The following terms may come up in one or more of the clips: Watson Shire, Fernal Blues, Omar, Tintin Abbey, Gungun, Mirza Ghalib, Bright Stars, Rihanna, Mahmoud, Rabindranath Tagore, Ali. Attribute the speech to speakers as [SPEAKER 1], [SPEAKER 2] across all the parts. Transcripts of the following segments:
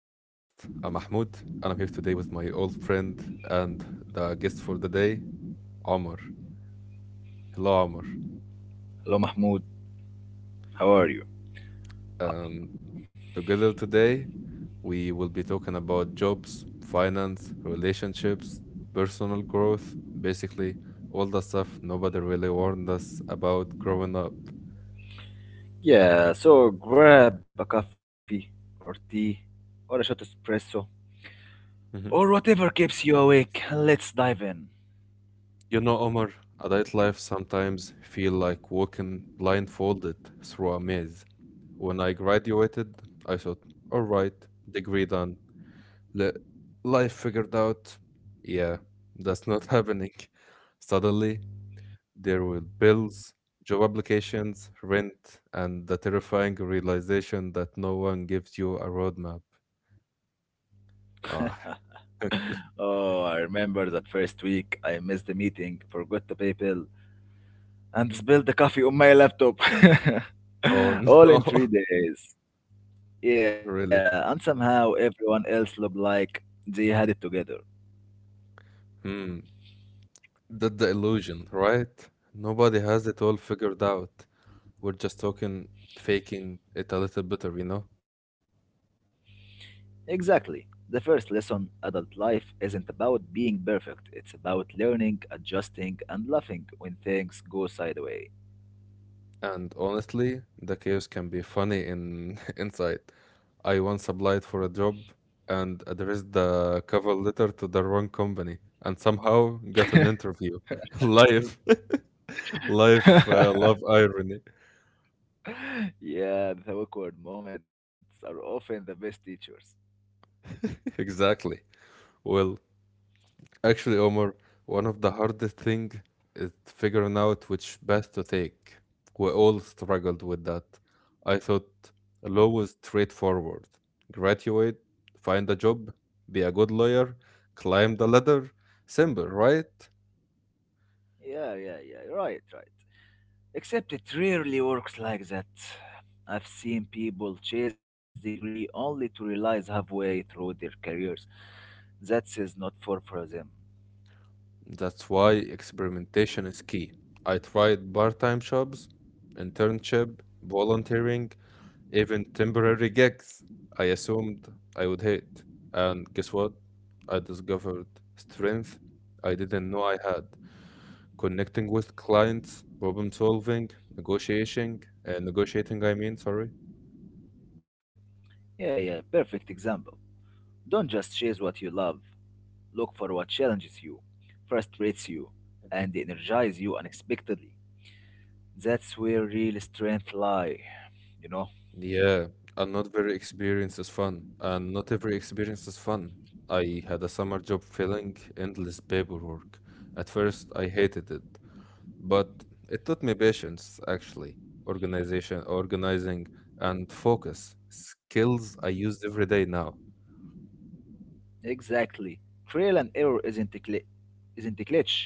[SPEAKER 1] I'm Mahmoud and I'm here today with my old friend and the guest for the day, Omar. Hello, Omar.
[SPEAKER 2] Hello, Mahmoud. How are you?
[SPEAKER 1] And together today, we will be talking about jobs, finance, relationships, personal growth, basically all the stuff nobody really warned us about growing up.
[SPEAKER 2] Yeah, so grab a coffee or tea or a shot espresso
[SPEAKER 1] hmm
[SPEAKER 2] or whatever keeps you awake. Let's dive in.
[SPEAKER 1] You know, Omar, adult life sometimes feel like walking blindfolded through a maze. When I graduated, I thought, all right, degree done, li- life figured out. Yeah, that's not happening. Suddenly, there were bills, job applications, rent, and the terrifying realization that no one gives you a roadmap. Ah,
[SPEAKER 2] Oh, I remember that first week I missed the meeting, forgot the PayPal, and spilled the coffee on my laptop.
[SPEAKER 1] oh
[SPEAKER 2] All in
[SPEAKER 1] no,
[SPEAKER 2] three days. Yeah,
[SPEAKER 1] really?
[SPEAKER 2] and somehow everyone else looked like they had it together.
[SPEAKER 1] Hmm, that's the illusion, right? Nobody has it all figured out. We're just talking, faking it a little better?
[SPEAKER 2] Exactly. The first lesson adult life isn't about being perfect, it's about learning, adjusting, and laughing when things go sideways.
[SPEAKER 1] And honestly, the chaos can be funny in inside. I once applied for a job and addressed the cover letter to the wrong company and somehow got an interview. Life, love irony.
[SPEAKER 2] Yeah, the awkward moments are often the best teachers.
[SPEAKER 1] Exactly. Well, actually, Omar, one of the hardest thing is figuring out which path to take. We all struggled with that. I thought law was straightforward. Graduate, find a job, be a good lawyer, climb the ladder. Simple, right?
[SPEAKER 2] Yeah, yeah, yeah, right, right. Except it rarely works like that. I've seen people chase degree only to realize halfway through their careers that is not for them.
[SPEAKER 1] That's why experimentation is key. I tried part-time jobs, internship, volunteering. Even temporary gigs, I assumed I would hate. And guess what? I discovered strength I didn't know I had. Connecting with clients, problem solving, negotiating, I mean, sorry.
[SPEAKER 2] Yeah, yeah, perfect example. Don't just chase what you love, look for what challenges you, frustrates you, and
[SPEAKER 1] Mhm.
[SPEAKER 2] energizes you unexpectedly. That's where real strength lie, you know?
[SPEAKER 1] Yeah, and not every experience is fun, I had a summer job filling endless paperwork. At first, I hated it. But it taught me patience, actually, organizing, and focus, skills I use every day now.
[SPEAKER 2] Exactly. Trail and error isn't a glitch.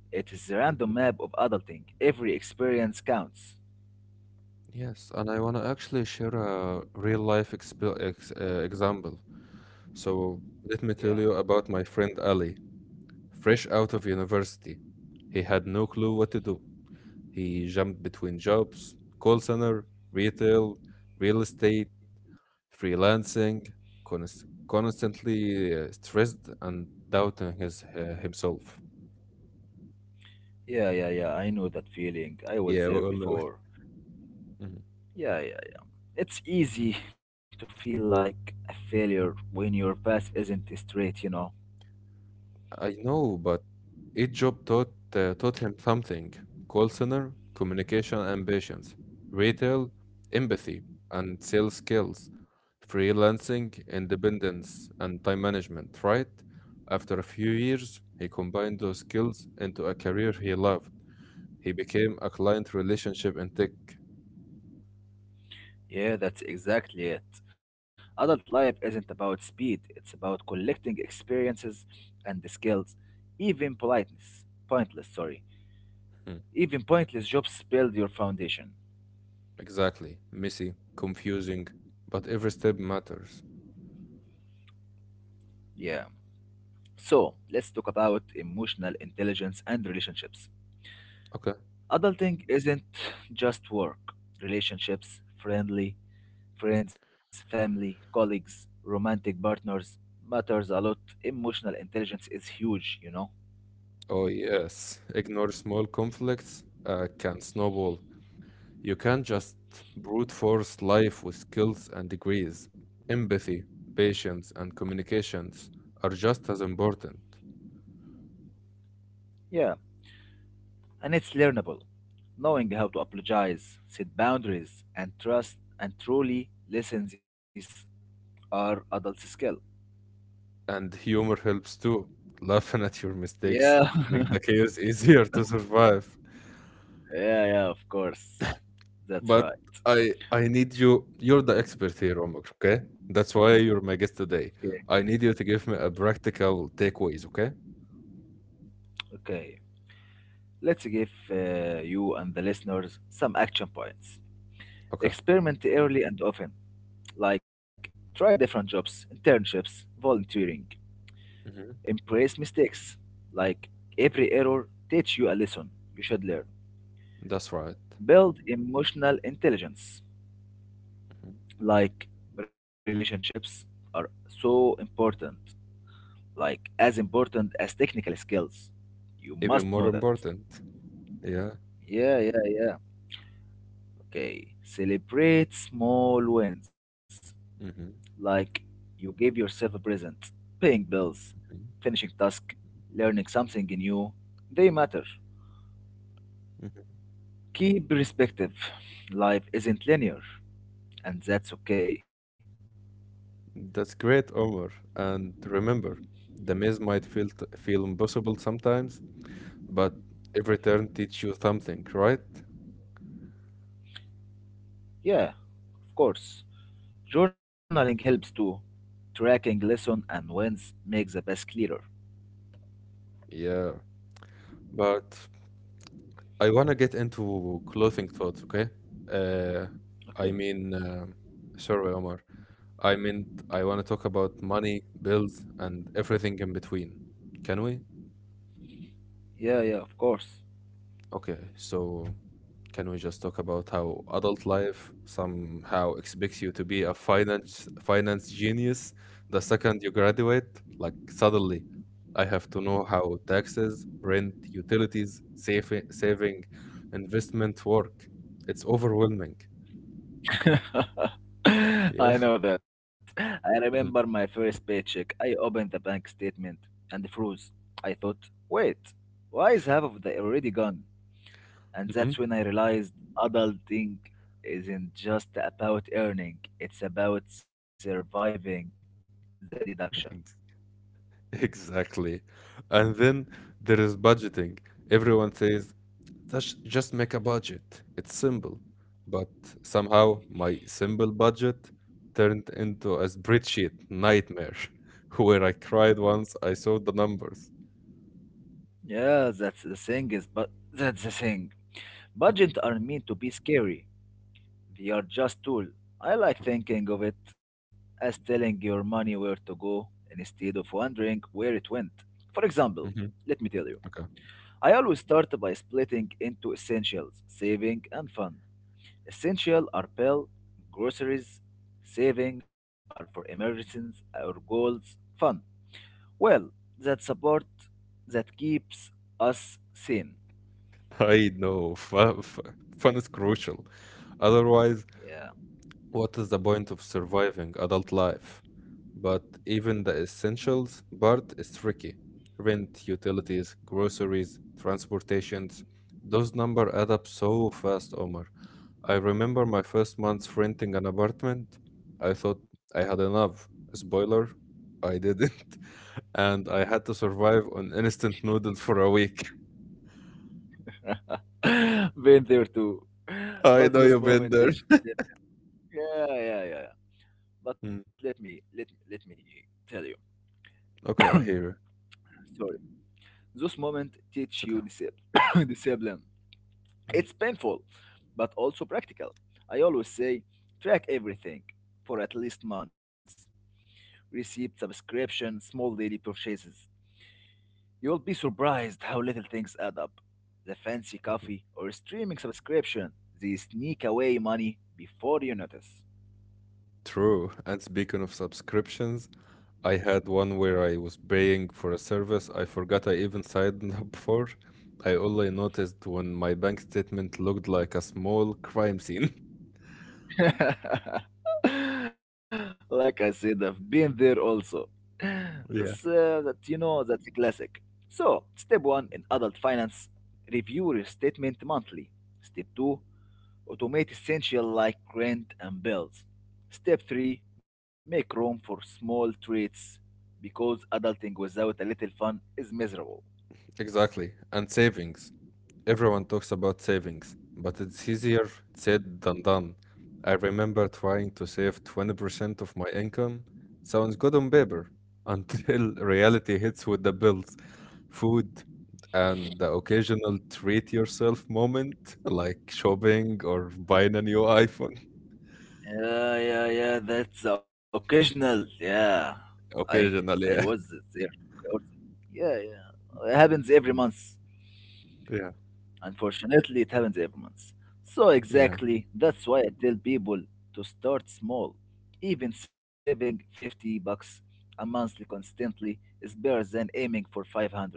[SPEAKER 2] It is the random
[SPEAKER 1] Mhm.
[SPEAKER 2] map of adulting. Every experience counts.
[SPEAKER 1] Yes, and I want to actually share a real life example. So
[SPEAKER 2] Yeah.
[SPEAKER 1] let me tell you about my friend Ali, fresh out of university. He had no clue what to do. He jumped between jobs: call center, retail, real estate, freelancing, constantly stressed and doubting himself.
[SPEAKER 2] Yeah, yeah, yeah. I know that feeling. I was
[SPEAKER 1] Yeah,
[SPEAKER 2] there
[SPEAKER 1] well, no.
[SPEAKER 2] before.
[SPEAKER 1] Mhm.
[SPEAKER 2] Yeah, yeah. It's easy to feel like a failure when your path isn't straight.
[SPEAKER 1] I know, but each job taught him something: call center, communication and patience, retail, empathy, and sales skills. Freelancing, independence, and time management, right? After a few years, he combined those skills into a career he loved. He became a client relationship in tech.
[SPEAKER 2] Yeah, that's exactly it. Adult life isn't about speed, it's about collecting experiences and the skills, even politeness. Pointless, sorry.
[SPEAKER 1] Hmm.
[SPEAKER 2] Even pointless jobs build your foundation.
[SPEAKER 1] Exactly. Messy, confusing, but every step matters.
[SPEAKER 2] Yeah. So, let's talk about emotional intelligence and relationships.
[SPEAKER 1] Okay.
[SPEAKER 2] Adulting isn't just work. Relationships, friendly, friends, family, colleagues, romantic partners matters a lot. Emotional intelligence is huge, you know?
[SPEAKER 1] Oh, yes. Ignore small conflicts can snowball. You can't just brute force life with skills and degrees. Empathy, patience, and communications are just as important.
[SPEAKER 2] Yeah, and it's learnable. Knowing how to apologize, set boundaries, and trust and truly listen these are adult skill.
[SPEAKER 1] And humor helps too. Laughing at your mistakes
[SPEAKER 2] Yeah,
[SPEAKER 1] make the chaos easier to survive.
[SPEAKER 2] yeah, yeah, of course. That's
[SPEAKER 1] But
[SPEAKER 2] right.
[SPEAKER 1] I need you. You're the expert here, Omar. Okay, that's why you're my guest
[SPEAKER 2] Okay.
[SPEAKER 1] today. I need you to give me a practical takeaways. Okay.
[SPEAKER 2] Okay. Let's give you and the listeners some action points.
[SPEAKER 1] Okay.
[SPEAKER 2] Experiment early and often, like try different jobs, internships, volunteering.
[SPEAKER 1] Hmm.
[SPEAKER 2] Embrace mistakes, like every error teach you a lesson you should learn.
[SPEAKER 1] That's right.
[SPEAKER 2] Build emotional intelligence.
[SPEAKER 1] Mhm.
[SPEAKER 2] Like relationships are so important, like as important as technical skills. You
[SPEAKER 1] Even
[SPEAKER 2] must
[SPEAKER 1] more
[SPEAKER 2] know that.
[SPEAKER 1] important. Yeah.
[SPEAKER 2] Yeah, yeah, yeah. Okay. Celebrate small wins,
[SPEAKER 1] Hmm.
[SPEAKER 2] like you gave yourself a present, paying bills, finishing task, learning something new. They matter.
[SPEAKER 1] Hmm.
[SPEAKER 2] Keep perspective. Life isn't linear, and that's okay.
[SPEAKER 1] That's great, Omar. And remember, the maze might feel impossible sometimes, but every turn teach you something, right?
[SPEAKER 2] Yeah, of course. Journaling helps too. Tracking lesson and wins makes the past clearer.
[SPEAKER 1] Yeah. But I wanna get into clothing thoughts, okay? Uh, I
[SPEAKER 2] Okay.
[SPEAKER 1] mean, um Sorry, Omar. I meant I wanna talk about money, bills, and everything in between. Can we?
[SPEAKER 2] Yeah, yeah, of course.
[SPEAKER 1] Okay. So can we just talk about how adult life somehow expects you to be a finance genius the second you graduate? Like suddenly, I have to know how taxes, rent, utilities, saving, investment work. It's overwhelming.
[SPEAKER 2] I
[SPEAKER 1] Yeah.
[SPEAKER 2] know that. I remember my
[SPEAKER 1] Mhm.
[SPEAKER 2] first paycheck. I opened the bank statement and froze. I thought, wait, why is half of the already gone? And
[SPEAKER 1] Mhm.
[SPEAKER 2] that's when I realized adulting isn't just about earning, it's about surviving the deduction.
[SPEAKER 1] Ex- Exactly. And then there is budgeting. Everyone says just make a budget. It's simple. But somehow my simple budget turned into a spreadsheet nightmare where I cried once I saw the numbers.
[SPEAKER 2] Yeah, that's the thing is, but that's the thing.
[SPEAKER 1] Mhm.
[SPEAKER 2] Budgets are meant to be scary. They are just tool. I like thinking of it as telling your money where to go instead of wondering where it went. For example,
[SPEAKER 1] Mhm.
[SPEAKER 2] let me tell you,
[SPEAKER 1] Okay.
[SPEAKER 2] I always start by splitting into essentials, saving and fun. Essential are bill, groceries, saving are for emergencies or goals, fun. Well, that support that keeps us sane.
[SPEAKER 1] I know. Fun is crucial. Otherwise,
[SPEAKER 2] Yeah.
[SPEAKER 1] what is the point of surviving adult life? But even the essentials part is tricky. Rent, utilities, groceries, transportations. Those numbers add up so fast, Omar. I remember my first month renting an apartment. I thought I had enough. Spoiler, I didn't. And I had to survive on instant noodles for a week.
[SPEAKER 2] Been there too.
[SPEAKER 1] I know you've
[SPEAKER 2] But those
[SPEAKER 1] been there.
[SPEAKER 2] moments teach. Yeah, yeah, yeah. Yeah.
[SPEAKER 1] Mm.
[SPEAKER 2] But let me tell you.
[SPEAKER 1] Okay, I hear you.
[SPEAKER 2] Sorry. Those moments
[SPEAKER 1] It's
[SPEAKER 2] teach
[SPEAKER 1] okay.
[SPEAKER 2] you discipline. Discipline.
[SPEAKER 1] Mm.
[SPEAKER 2] It's painful, but also practical. I always say track everything for at least months. Receipt, subscription, small daily purchases. You'll be surprised how little things add up. The fancy
[SPEAKER 1] Mhm.
[SPEAKER 2] coffee or streaming subscription, they sneak away money before you notice.
[SPEAKER 1] True. And speaking of subscriptions, I had one where I was paying for a service I forgot I even signed up for. I only noticed when my bank statement looked like a small crime scene.
[SPEAKER 2] Like I said, I've been there also. That's,
[SPEAKER 1] Yeah.
[SPEAKER 2] that you know, that's a classic. So, step one in adult finance, review your statement monthly. Step two, automate essential like rent and bills. Step three, make room for small treats because adulting without a little fun is miserable.
[SPEAKER 1] Exactly. And savings. Everyone talks about savings, but it's easier said than done. I remember trying to save 20% of my income. Sounds good on paper until reality hits with the bills, food, and the occasional treat yourself moment, like shopping or buying a new iPhone.
[SPEAKER 2] Yeah, yeah, yeah. That's occasional. Yeah, I I was
[SPEAKER 1] Occasionally, yeah.
[SPEAKER 2] there. Yeah, yeah. It happens every month.
[SPEAKER 1] Mhm. Yeah.
[SPEAKER 2] Unfortunately, it happens every month. So
[SPEAKER 1] Yeah.
[SPEAKER 2] exactly, that's why I tell people to start small. Even saving 50 bucks a month constantly is better than aiming for 500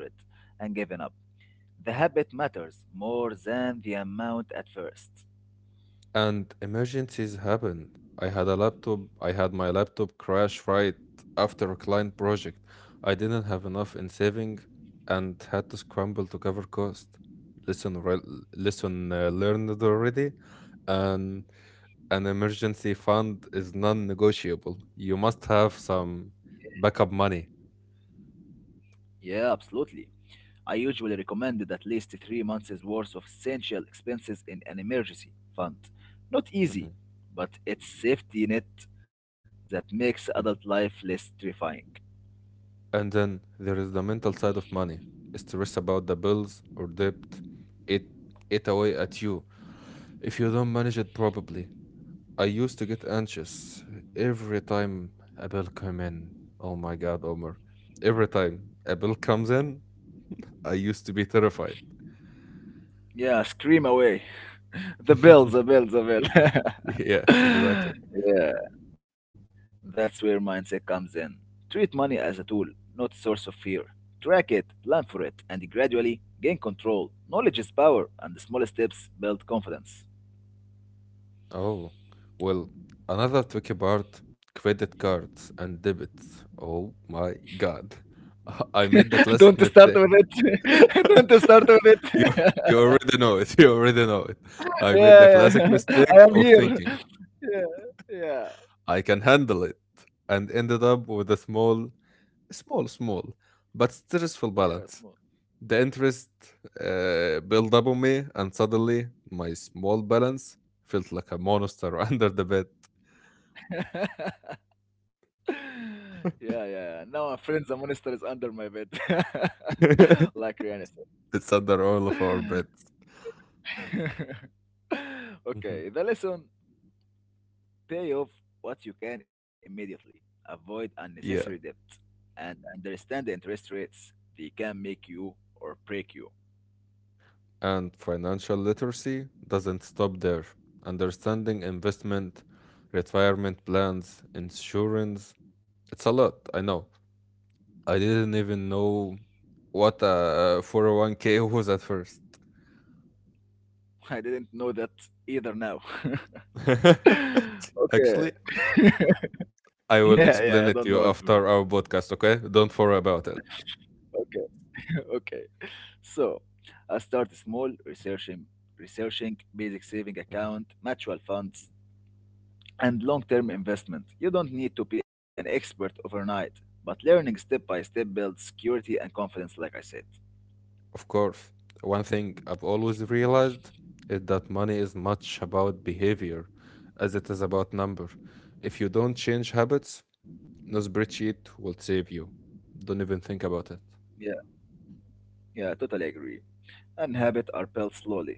[SPEAKER 2] and giving up. The habit matters more than the amount at first.
[SPEAKER 1] And emergencies happened. I had my laptop crash right after a client project. I didn't have enough in saving and had to scramble to cover cost. Listen, learned already. And an emergency fund is non-negotiable. You must have some backup money.
[SPEAKER 2] Yeah, absolutely. I usually recommend at least 3 months' worth of essential expenses in an emergency fund. Not easy,
[SPEAKER 1] Mhm.
[SPEAKER 2] but it's safety net that makes adult life
[SPEAKER 1] Mhm.
[SPEAKER 2] less terrifying.
[SPEAKER 1] And then there is the mental side of money. Stress about the bills or debt. It it away at you if you don't manage it properly. I used to get anxious every time a bill came in. Oh my god, Omar. Every time a bill comes in, I used to be terrified.
[SPEAKER 2] Yeah, scream away. The bell, the bell, the bell.
[SPEAKER 1] Yeah, exactly.
[SPEAKER 2] Yeah, that's where mindset comes in. Treat money as a tool, not a source of fear. Track it, plan for it, and gradually gain control. Knowledge is power, and the small steps build confidence.
[SPEAKER 1] Oh, well, another tricky part: credit cards and debits. Oh my God. I made the
[SPEAKER 2] Don't
[SPEAKER 1] classic
[SPEAKER 2] start with
[SPEAKER 1] mistake.
[SPEAKER 2] it. Don't start with
[SPEAKER 1] You, you
[SPEAKER 2] it.
[SPEAKER 1] already know it. You already know it. I made the
[SPEAKER 2] Yeah,
[SPEAKER 1] classic
[SPEAKER 2] yeah. I
[SPEAKER 1] mistake
[SPEAKER 2] am
[SPEAKER 1] of
[SPEAKER 2] here.
[SPEAKER 1] thinking
[SPEAKER 2] Yeah, yeah,
[SPEAKER 1] I can handle it and ended up with a small, but stressful
[SPEAKER 2] yeah.
[SPEAKER 1] balance.
[SPEAKER 2] Small.
[SPEAKER 1] The interest built up on me, and suddenly my small balance felt like a monster under the
[SPEAKER 2] Yeah, yeah. Now I'm friends. The monster is under my bed,
[SPEAKER 1] bed.
[SPEAKER 2] like Rihanna said.
[SPEAKER 1] It's under all of our beds. Mhm.
[SPEAKER 2] Okay, the lesson: pay off what you can immediately, avoid unnecessary
[SPEAKER 1] Yeah,
[SPEAKER 2] debt, and understand the interest rates. They can make you or break you.
[SPEAKER 1] and financial literacy doesn't stop there. Understanding investment, retirement plans, insurance, it's a lot, I know. I didn't even know what a 401k was at first.
[SPEAKER 2] I didn't know that either now. Okay.
[SPEAKER 1] Actually,
[SPEAKER 2] Yeah,
[SPEAKER 1] I will
[SPEAKER 2] yeah, I don't know
[SPEAKER 1] explain
[SPEAKER 2] what
[SPEAKER 1] it
[SPEAKER 2] to
[SPEAKER 1] to you
[SPEAKER 2] mean.
[SPEAKER 1] after our podcast, okay? Don't worry about it.
[SPEAKER 2] Okay, okay. So I start small, researching basic saving
[SPEAKER 1] Mhm.
[SPEAKER 2] account, mutual funds, and long-term investment. You don't need to be an expert overnight, but learning step by step builds security and confidence, like I said.
[SPEAKER 1] Of course, one thing I've always realized is that money is much about behavior as it is about number. If you don't change habits, no spreadsheet will save you. Don't even think about it.
[SPEAKER 2] Yeah, yeah, totally agree. And habits are built slowly.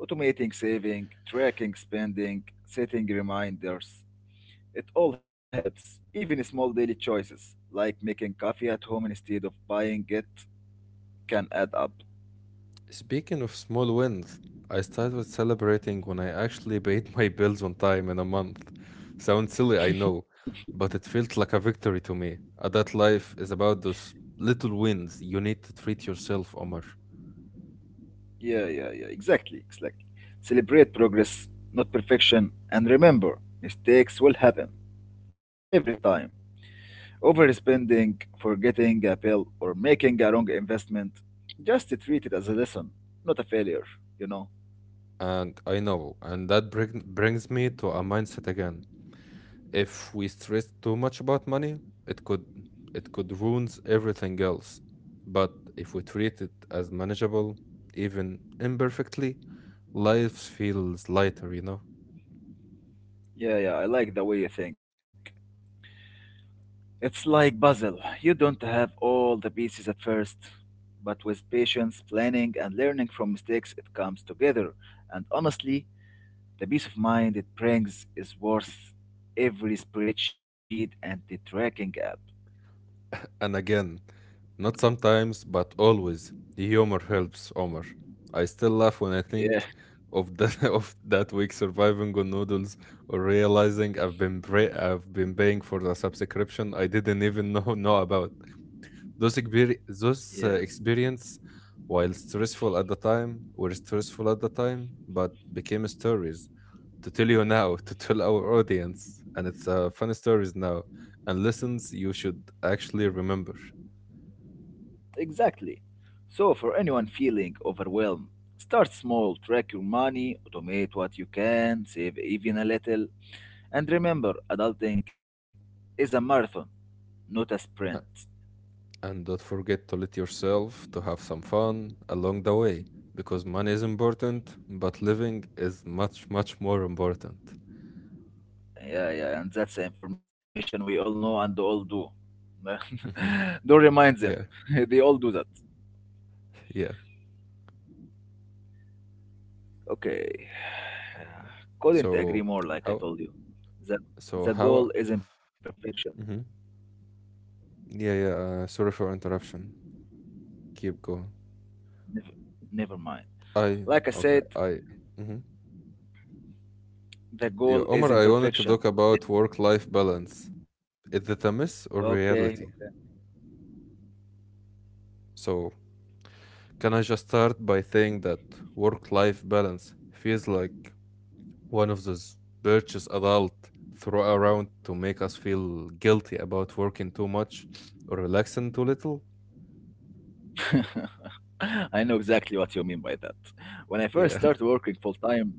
[SPEAKER 2] Automating saving, tracking spending, setting reminders. It all helps, even small daily choices, like making coffee at home instead of buying it, can add up.
[SPEAKER 1] Speaking of small wins, I started celebrating when I actually paid my bills on time in a month. Sounds silly, I know, but it felt like a victory to me. Adult life is about those little wins. You need to treat yourself, Omar.
[SPEAKER 2] Yeah, yeah, yeah, exactly, exactly. Celebrate progress, not perfection, and remember, mistakes will happen every time. Overspending, forgetting a bill, or making a wrong investment, just treat it as a lesson, not a failure, you know?
[SPEAKER 1] And I know, and brings me to a mindset again. If we stress too much about money, it could it could ruins everything else. But if we treat it as manageable, even imperfectly, life feels lighter, you know?
[SPEAKER 2] Yeah, yeah, I like the way you think. It's like puzzle. You don't have all the pieces at first, but with patience, planning, and learning from mistakes, it comes together. And honestly, the peace of mind it brings is worth every spreadsheet and the tracking app.
[SPEAKER 1] And again, not sometimes, but always, humor helps, Omar. I still laugh when I
[SPEAKER 2] Yeah,
[SPEAKER 1] think of that of that week surviving on noodles or realizing I've been I've been paying for the subscription I didn't even know about.
[SPEAKER 2] yeah,
[SPEAKER 1] Those experience, while stressful at the time, were stressful at the time, but became stories to tell you now, to tell our audience, and it's funny stories now and lessons you should actually remember.
[SPEAKER 2] exactly. So for anyone feeling overwhelmed, start small, track your money, automate what you can, save even a little, and remember, adulting is a marathon, not a sprint.
[SPEAKER 1] And don't forget to let yourself to have some fun along the way because money is important, but living is much, much more important.
[SPEAKER 2] Yeah, yeah, and that's the information we all know and all do.
[SPEAKER 1] Hmm.
[SPEAKER 2] Don't remind them.
[SPEAKER 1] Yeah,
[SPEAKER 2] They all do that.
[SPEAKER 1] yeah.
[SPEAKER 2] Okay. Couldn't agree
[SPEAKER 1] So
[SPEAKER 2] more, like I
[SPEAKER 1] how?
[SPEAKER 2] told you. The,
[SPEAKER 1] So
[SPEAKER 2] the
[SPEAKER 1] how?
[SPEAKER 2] goal is imperfection.
[SPEAKER 1] Hmm. Yeah, yeah. Sorry for interruption. Keep going.
[SPEAKER 2] Never, Never mind.
[SPEAKER 1] I
[SPEAKER 2] Like I
[SPEAKER 1] okay.
[SPEAKER 2] said,
[SPEAKER 1] I. Hmm.
[SPEAKER 2] the
[SPEAKER 1] Yeah,
[SPEAKER 2] goal is
[SPEAKER 1] Omar. I wanted to
[SPEAKER 2] imperfection.
[SPEAKER 1] talk
[SPEAKER 2] It,
[SPEAKER 1] about work-life balance. Is it a myth or
[SPEAKER 2] okay.
[SPEAKER 1] reality? So can I just start by saying that work-life balance feels like one of those birches adult throw around to make us feel guilty about working too much or relaxing too little.
[SPEAKER 2] I know exactly what you mean by that. When I first
[SPEAKER 1] Yeah.
[SPEAKER 2] started working full time,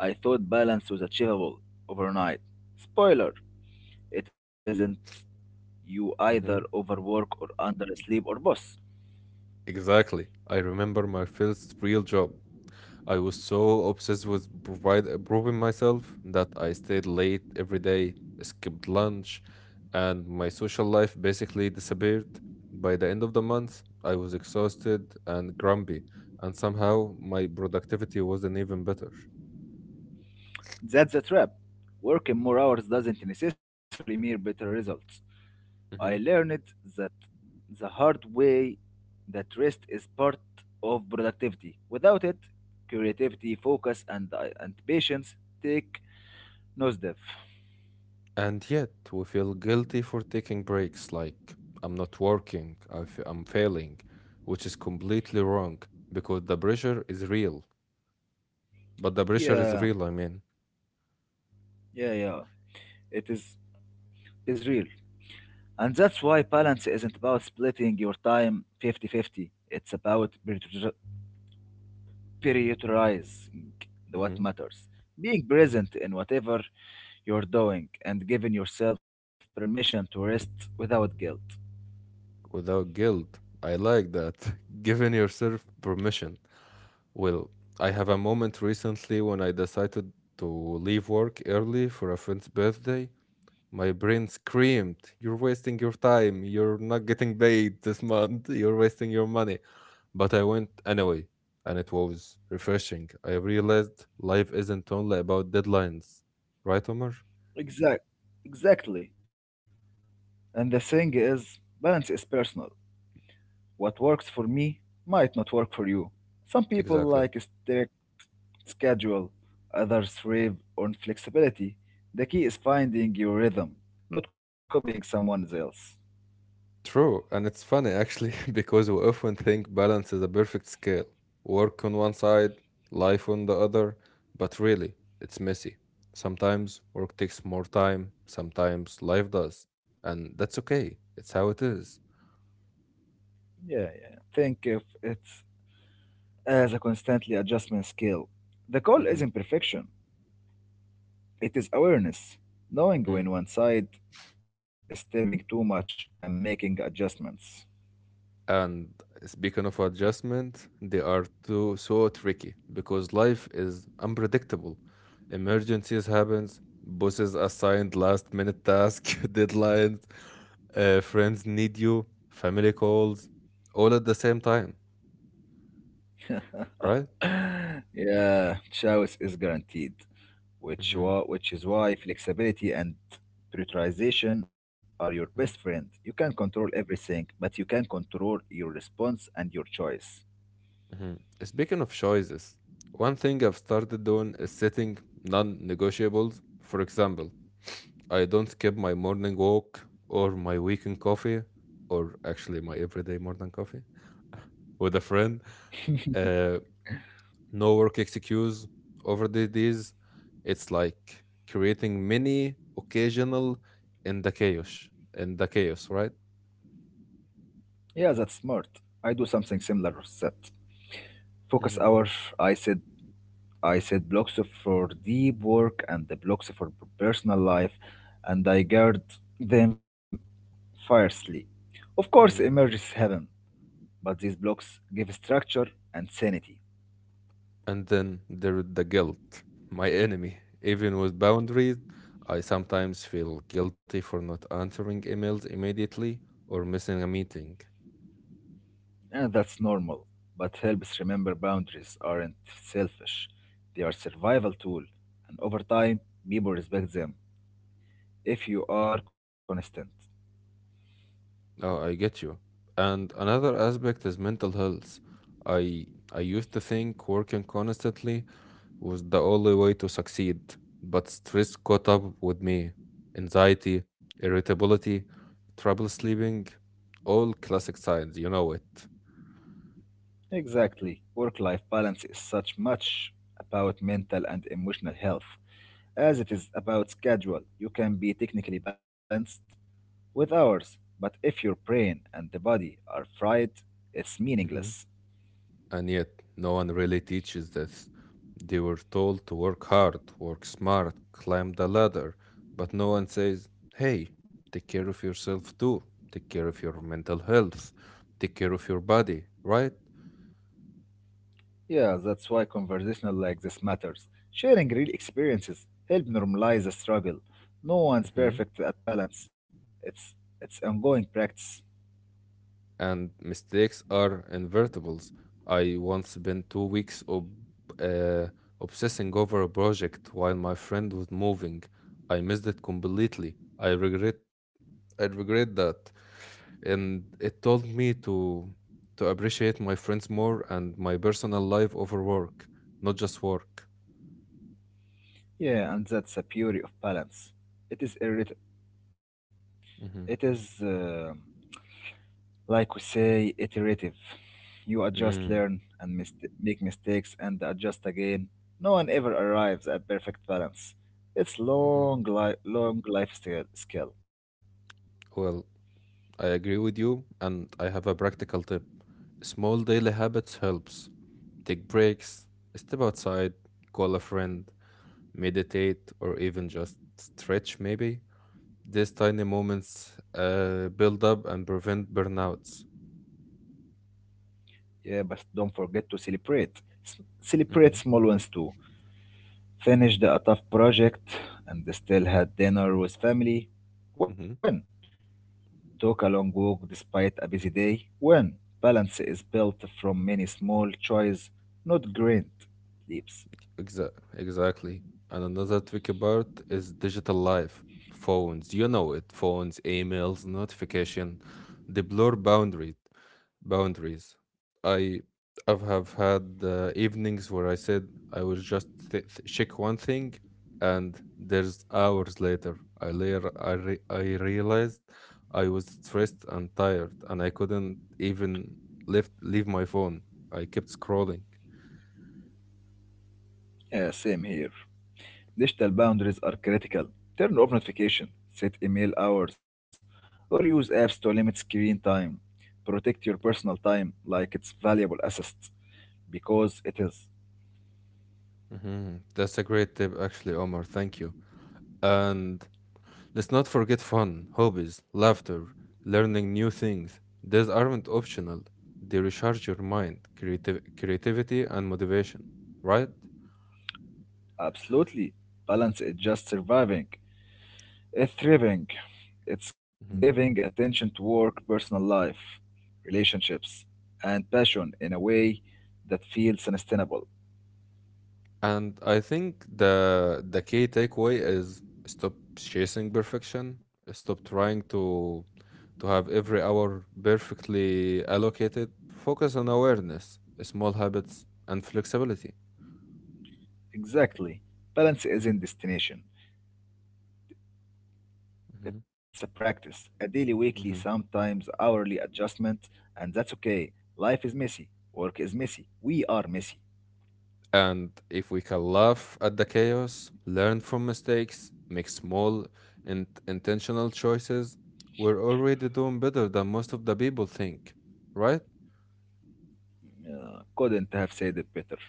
[SPEAKER 2] I thought balance was achievable overnight. Spoiler, it isn't. You either
[SPEAKER 1] Mhm.
[SPEAKER 2] overwork or undersleep or both.
[SPEAKER 1] Exactly. I remember my first real job. I was so obsessed with proving myself that I stayed late every day, skipped lunch, and my social life basically disappeared. By the end of the month, I was exhausted and grumpy, and somehow my productivity wasn't even better.
[SPEAKER 2] That's a trap. Working more hours doesn't necessarily mean better results. I learned that the hard way that rest is part of productivity. Without it, creativity, focus, and patience take nose dive.
[SPEAKER 1] And yet we feel guilty for taking breaks, like I'm not working, I'm failing, which is completely wrong because the pressure is real. But the pressure is
[SPEAKER 2] Yeah,
[SPEAKER 1] real, I mean.
[SPEAKER 2] yeah, yeah. It is, it is real. And that's why balance isn't about splitting your time fifty-fifty. It's about prioritizing the what
[SPEAKER 1] Mhm.
[SPEAKER 2] matters, being present in whatever you're doing, and giving yourself permission to rest without guilt.
[SPEAKER 1] Without guilt. I like that. Giving yourself permission. Well, I have a moment recently when I decided to leave work early for a friend's birthday. My brain screamed, "You're wasting your time. You're not getting paid this month. You're wasting your money." But I went anyway, and it was refreshing. I realized life isn't only about deadlines. Right, Omar?
[SPEAKER 2] Exact, exactly. And the thing is, balance is personal. What works for me might not work for you. Some people
[SPEAKER 1] Exactly.
[SPEAKER 2] like a strict schedule, others thrive on flexibility. The key is finding your rhythm, not copying someone else.
[SPEAKER 1] True, and it's funny actually because we often think balance is a perfect scale: work on one side, life on the other, but really, it's messy. Sometimes work takes more time, sometimes life does, and that's okay. It's how it is.
[SPEAKER 2] Yeah, yeah. Think if it's as a constantly adjustment skill. The goal
[SPEAKER 1] Mhm.
[SPEAKER 2] isn't perfection, it is awareness, knowing
[SPEAKER 1] Mhm.
[SPEAKER 2] when one side is stepping too much and making adjustments.
[SPEAKER 1] And speaking of adjustment, they are too so tricky because life is unpredictable. Emergencies happens, bosses assigned last minute task, deadlines, friends need you, family calls, all at the same time, right?
[SPEAKER 2] Yeah, chaos is guaranteed, which,
[SPEAKER 1] hmm
[SPEAKER 2] wa- which is why flexibility and prioritization are your best friend. You can control everything, but you can control your response and your choice.
[SPEAKER 1] hmm Speaking of choices, one thing I've started doing is setting non-negotiables. For example, I don't skip my morning walk or my weekend coffee, or actually my everyday morning coffee with a friend. Uh, no work excuse over the days. It's like creating mini occasional in the chaos, in the chaos, right?
[SPEAKER 2] Yeah, that's smart. I do something similar, set. Focus
[SPEAKER 1] hmm
[SPEAKER 2] hour, I set I set blocks for deep work and the blocks for personal life, and I guard them fiercely. Of course,
[SPEAKER 1] hmm
[SPEAKER 2] emerges heaven, but these blocks give structure and sanity,
[SPEAKER 1] And then there is the guilt, my enemy. Even with boundaries, I sometimes feel guilty for not answering emails immediately or missing a meeting.
[SPEAKER 2] and that's normal. But helps remember boundaries aren't selfish; they are survival tool, and over time, people respect them if you are constant.
[SPEAKER 1] Oh, I get you. And another aspect is mental health. I I used to think working constantly was the only way to succeed, but stress caught up with me. Anxiety, irritability, trouble sleeping, all classic signs, you know it.
[SPEAKER 2] Exactly, work-life balance is such much about mental and emotional health. As it is about schedule, you can be technically balanced with hours, but if your brain and the body are fried, it's
[SPEAKER 1] Mm-hmm.
[SPEAKER 2] meaningless.
[SPEAKER 1] And yet, no one really teaches this. They were told to work hard, work smart, climb the ladder, but no one says, hey, take care of yourself too. Take care of your mental health. Take care of your body, right?
[SPEAKER 2] Yeah, that's why conversational like this matters. Sharing real experiences help normalize the struggle. No one's
[SPEAKER 1] hmm
[SPEAKER 2] perfect at balance. It's it's ongoing practice.
[SPEAKER 1] And mistakes are invertibles. I once spent 2 weeks uh, obsessing over a project while my friend was moving. I missed it completely. I regret that. And it told me to appreciate my friends more and my personal life over work, not just work.
[SPEAKER 2] Yeah, and that's a beauty of balance. It is irrit- it
[SPEAKER 1] Mm-hmm.
[SPEAKER 2] is uh, like we say, iterative. You adjust,
[SPEAKER 1] Mm.
[SPEAKER 2] learn, and make mistakes and adjust again. No one ever arrives at perfect balance. It's
[SPEAKER 1] Mm-hmm.
[SPEAKER 2] long life skill.
[SPEAKER 1] Well, I agree with you, and I have a practical tip. Small daily habits helps. Take breaks, step outside, call a friend, meditate, or even just stretch maybe. These tiny moments build up and prevent burnouts.
[SPEAKER 2] Yeah, but don't forget to celebrate. S- Celebrate
[SPEAKER 1] Mm-hmm.
[SPEAKER 2] small ones too. Finish the a tough project and still had dinner with family. When
[SPEAKER 1] Mm-hmm.
[SPEAKER 2] took a long walk despite a busy day. When balance is built from many small choices, not grand leaps.
[SPEAKER 1] Exactly. And another tricky part is digital life. Phones, you know it. Phones, emails, notification, they blur boundary boundaries. I I've have had evenings where I said I will just check one thing, and there's hours later I later I realized I was stressed and tired, and I couldn't even lift leave my phone. I kept scrolling.
[SPEAKER 2] Yeah, same here. Digital boundaries are critical. Turn off notification, set email hours, or use apps to limit screen time. Protect your personal time like it's valuable asset because it is.
[SPEAKER 1] Mhm. That's a great tip, actually, Omar. Thank you. And let's not forget fun, hobbies, laughter, learning new things. These aren't optional. They recharge your mind, creative creativity, and motivation, right?
[SPEAKER 2] Absolutely. Balance is just surviving. It's thriving. It's giving
[SPEAKER 1] Mhm.
[SPEAKER 2] attention to work, personal life, relationships, and passion in a way that feels sustainable.
[SPEAKER 1] And I think the the key takeaway is stop chasing perfection. Stop trying to have every hour perfectly allocated. Focus on awareness, small habits, and flexibility.
[SPEAKER 2] Exactly. Balance isn't destination.
[SPEAKER 1] Mhm.
[SPEAKER 2] It's a practice, a daily, weekly,
[SPEAKER 1] Mhm.
[SPEAKER 2] sometimes hourly adjustment, and that's okay. Life is messy. Work is messy. We are messy.
[SPEAKER 1] And if we can laugh at the chaos, learn from mistakes, make small and intentional choices, we're already doing better than most of the people think, right?
[SPEAKER 2] Couldn't have said it better.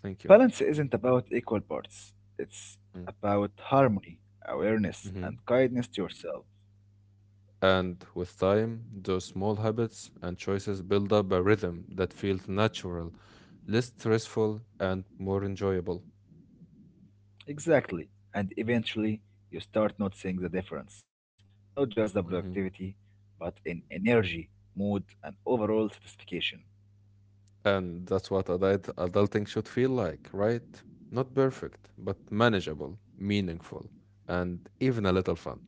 [SPEAKER 1] Thank you.
[SPEAKER 2] Balance isn't about equal parts. It's
[SPEAKER 1] Mm.
[SPEAKER 2] about harmony, awareness, and
[SPEAKER 1] Mhm.
[SPEAKER 2] kindness to yourself.
[SPEAKER 1] And with time, those small habits and choices build up a rhythm that feels natural, less stressful, and more enjoyable.
[SPEAKER 2] Exactly. And eventually, you start noticing the difference. Not just the productivity, but in energy, mood, and overall satisfaction.
[SPEAKER 1] And that's what adulting should feel like, right? Not perfect, but manageable, meaningful, and even a little fun.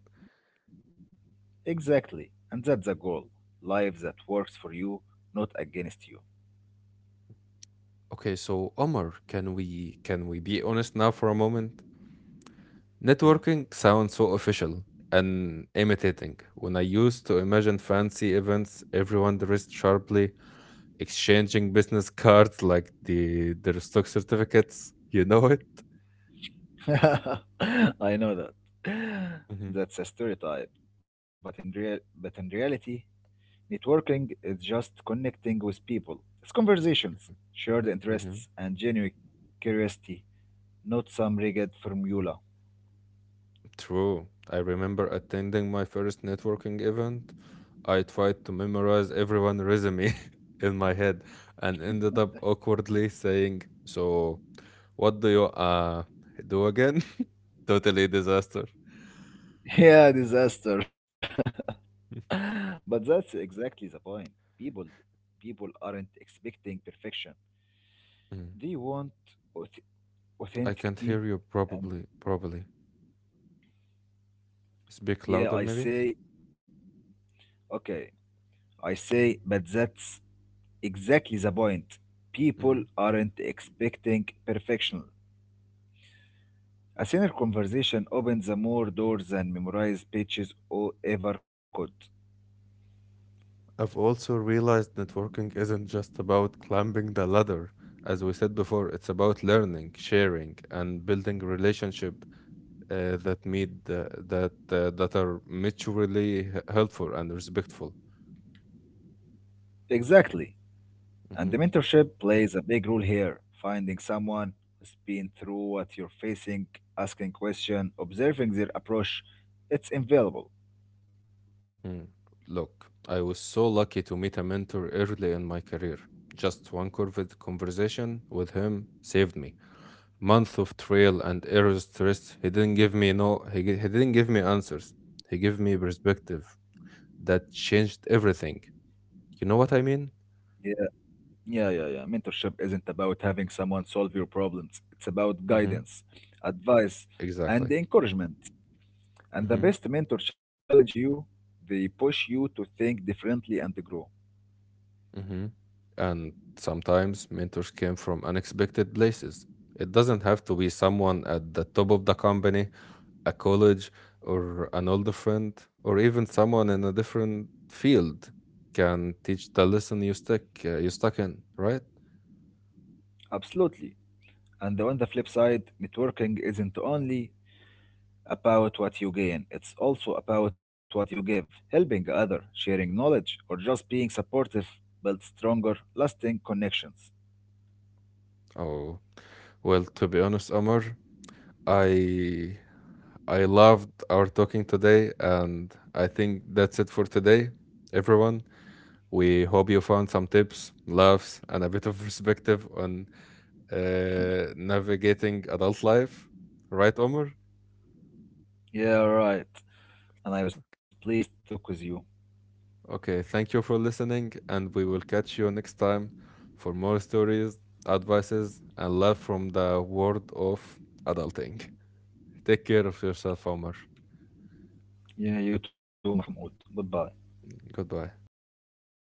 [SPEAKER 2] Exactly. And that's the goal. Life that works for you, not against you.
[SPEAKER 1] Okay, so Omar, can we be honest now for a moment?
[SPEAKER 2] Yeah.
[SPEAKER 1] Networking sounds so official and imitating. When I used to imagine fancy events, everyone dressed sharply, exchanging business cards like the their stock certificates. You know it?
[SPEAKER 2] I know that. That's a stereotype. But in reality, networking is just connecting with people. It's conversations, shared
[SPEAKER 1] hmm
[SPEAKER 2] interests and genuine curiosity, not some rigid formula.
[SPEAKER 1] True. I remember attending my first networking event. I tried to memorize everyone's resume in my head and ended up awkwardly saying, "So, what do you do again?" Totally disaster.
[SPEAKER 2] Yeah, disaster. But that's exactly the point. People people aren't expecting perfection.
[SPEAKER 1] Mm.
[SPEAKER 2] They want auth-
[SPEAKER 1] I can't
[SPEAKER 2] authenticity.
[SPEAKER 1] hear you
[SPEAKER 2] And
[SPEAKER 1] probably, probably. Speak
[SPEAKER 2] yeah,
[SPEAKER 1] louder,
[SPEAKER 2] I
[SPEAKER 1] maybe?
[SPEAKER 2] say okay, I say but that's exactly the point. People
[SPEAKER 1] hmm
[SPEAKER 2] aren't expecting perfection. A sinner conversation opens the more doors than memorized speeches or ever could.
[SPEAKER 1] I've also realized networking isn't just about climbing the ladder. As we said before, it's about learning, sharing, and building relationship that made the, that are mutually helpful and respectful.
[SPEAKER 2] Exactly. And the
[SPEAKER 1] Mhm.
[SPEAKER 2] mentorship plays a big role here. Finding someone who's been through what you're facing, asking questions, observing their approach, it's invaluable.
[SPEAKER 1] Mm. Look, I was so lucky to meet a mentor early in my career. Just one curved conversation with him saved me. Month of trail and error stress. He didn't give me no. He didn't give me answers. He gave me perspective that changed everything. You know what I mean?
[SPEAKER 2] Yeah, yeah, yeah, yeah. Mentorship isn't about having someone solve your problems. It's about
[SPEAKER 1] hmm
[SPEAKER 2] guidance, advice, and
[SPEAKER 1] Exactly.
[SPEAKER 2] encouragement. And the best mentor challenge you, they push you to think differently and to grow.
[SPEAKER 1] hmm And sometimes mentors came from unexpected places. It doesn't have to be someone at the top of the company, a college, or an older friend, or even someone in a different field can teach the lesson you stuck in, right?
[SPEAKER 2] Absolutely. And on the flip side, networking isn't only about what you gain. It's also about what you give. Helping others, sharing knowledge, or just being supportive builds stronger, lasting connections.
[SPEAKER 1] Oh, well, to be honest, Omar, I I loved our talking today, and I think that's it for today, everyone. We hope you found some tips, laughs, and a bit of perspective on navigating adult life. Right, Omar?
[SPEAKER 2] Yeah, right. And I was pleased to talk with you.
[SPEAKER 1] Okay, thank you for listening, and we will catch you next time for more stories, advices, and love from the world of adulting. Take care of yourself, Omar.
[SPEAKER 2] Yeah, you too, Mahmoud. Goodbye.
[SPEAKER 1] Goodbye.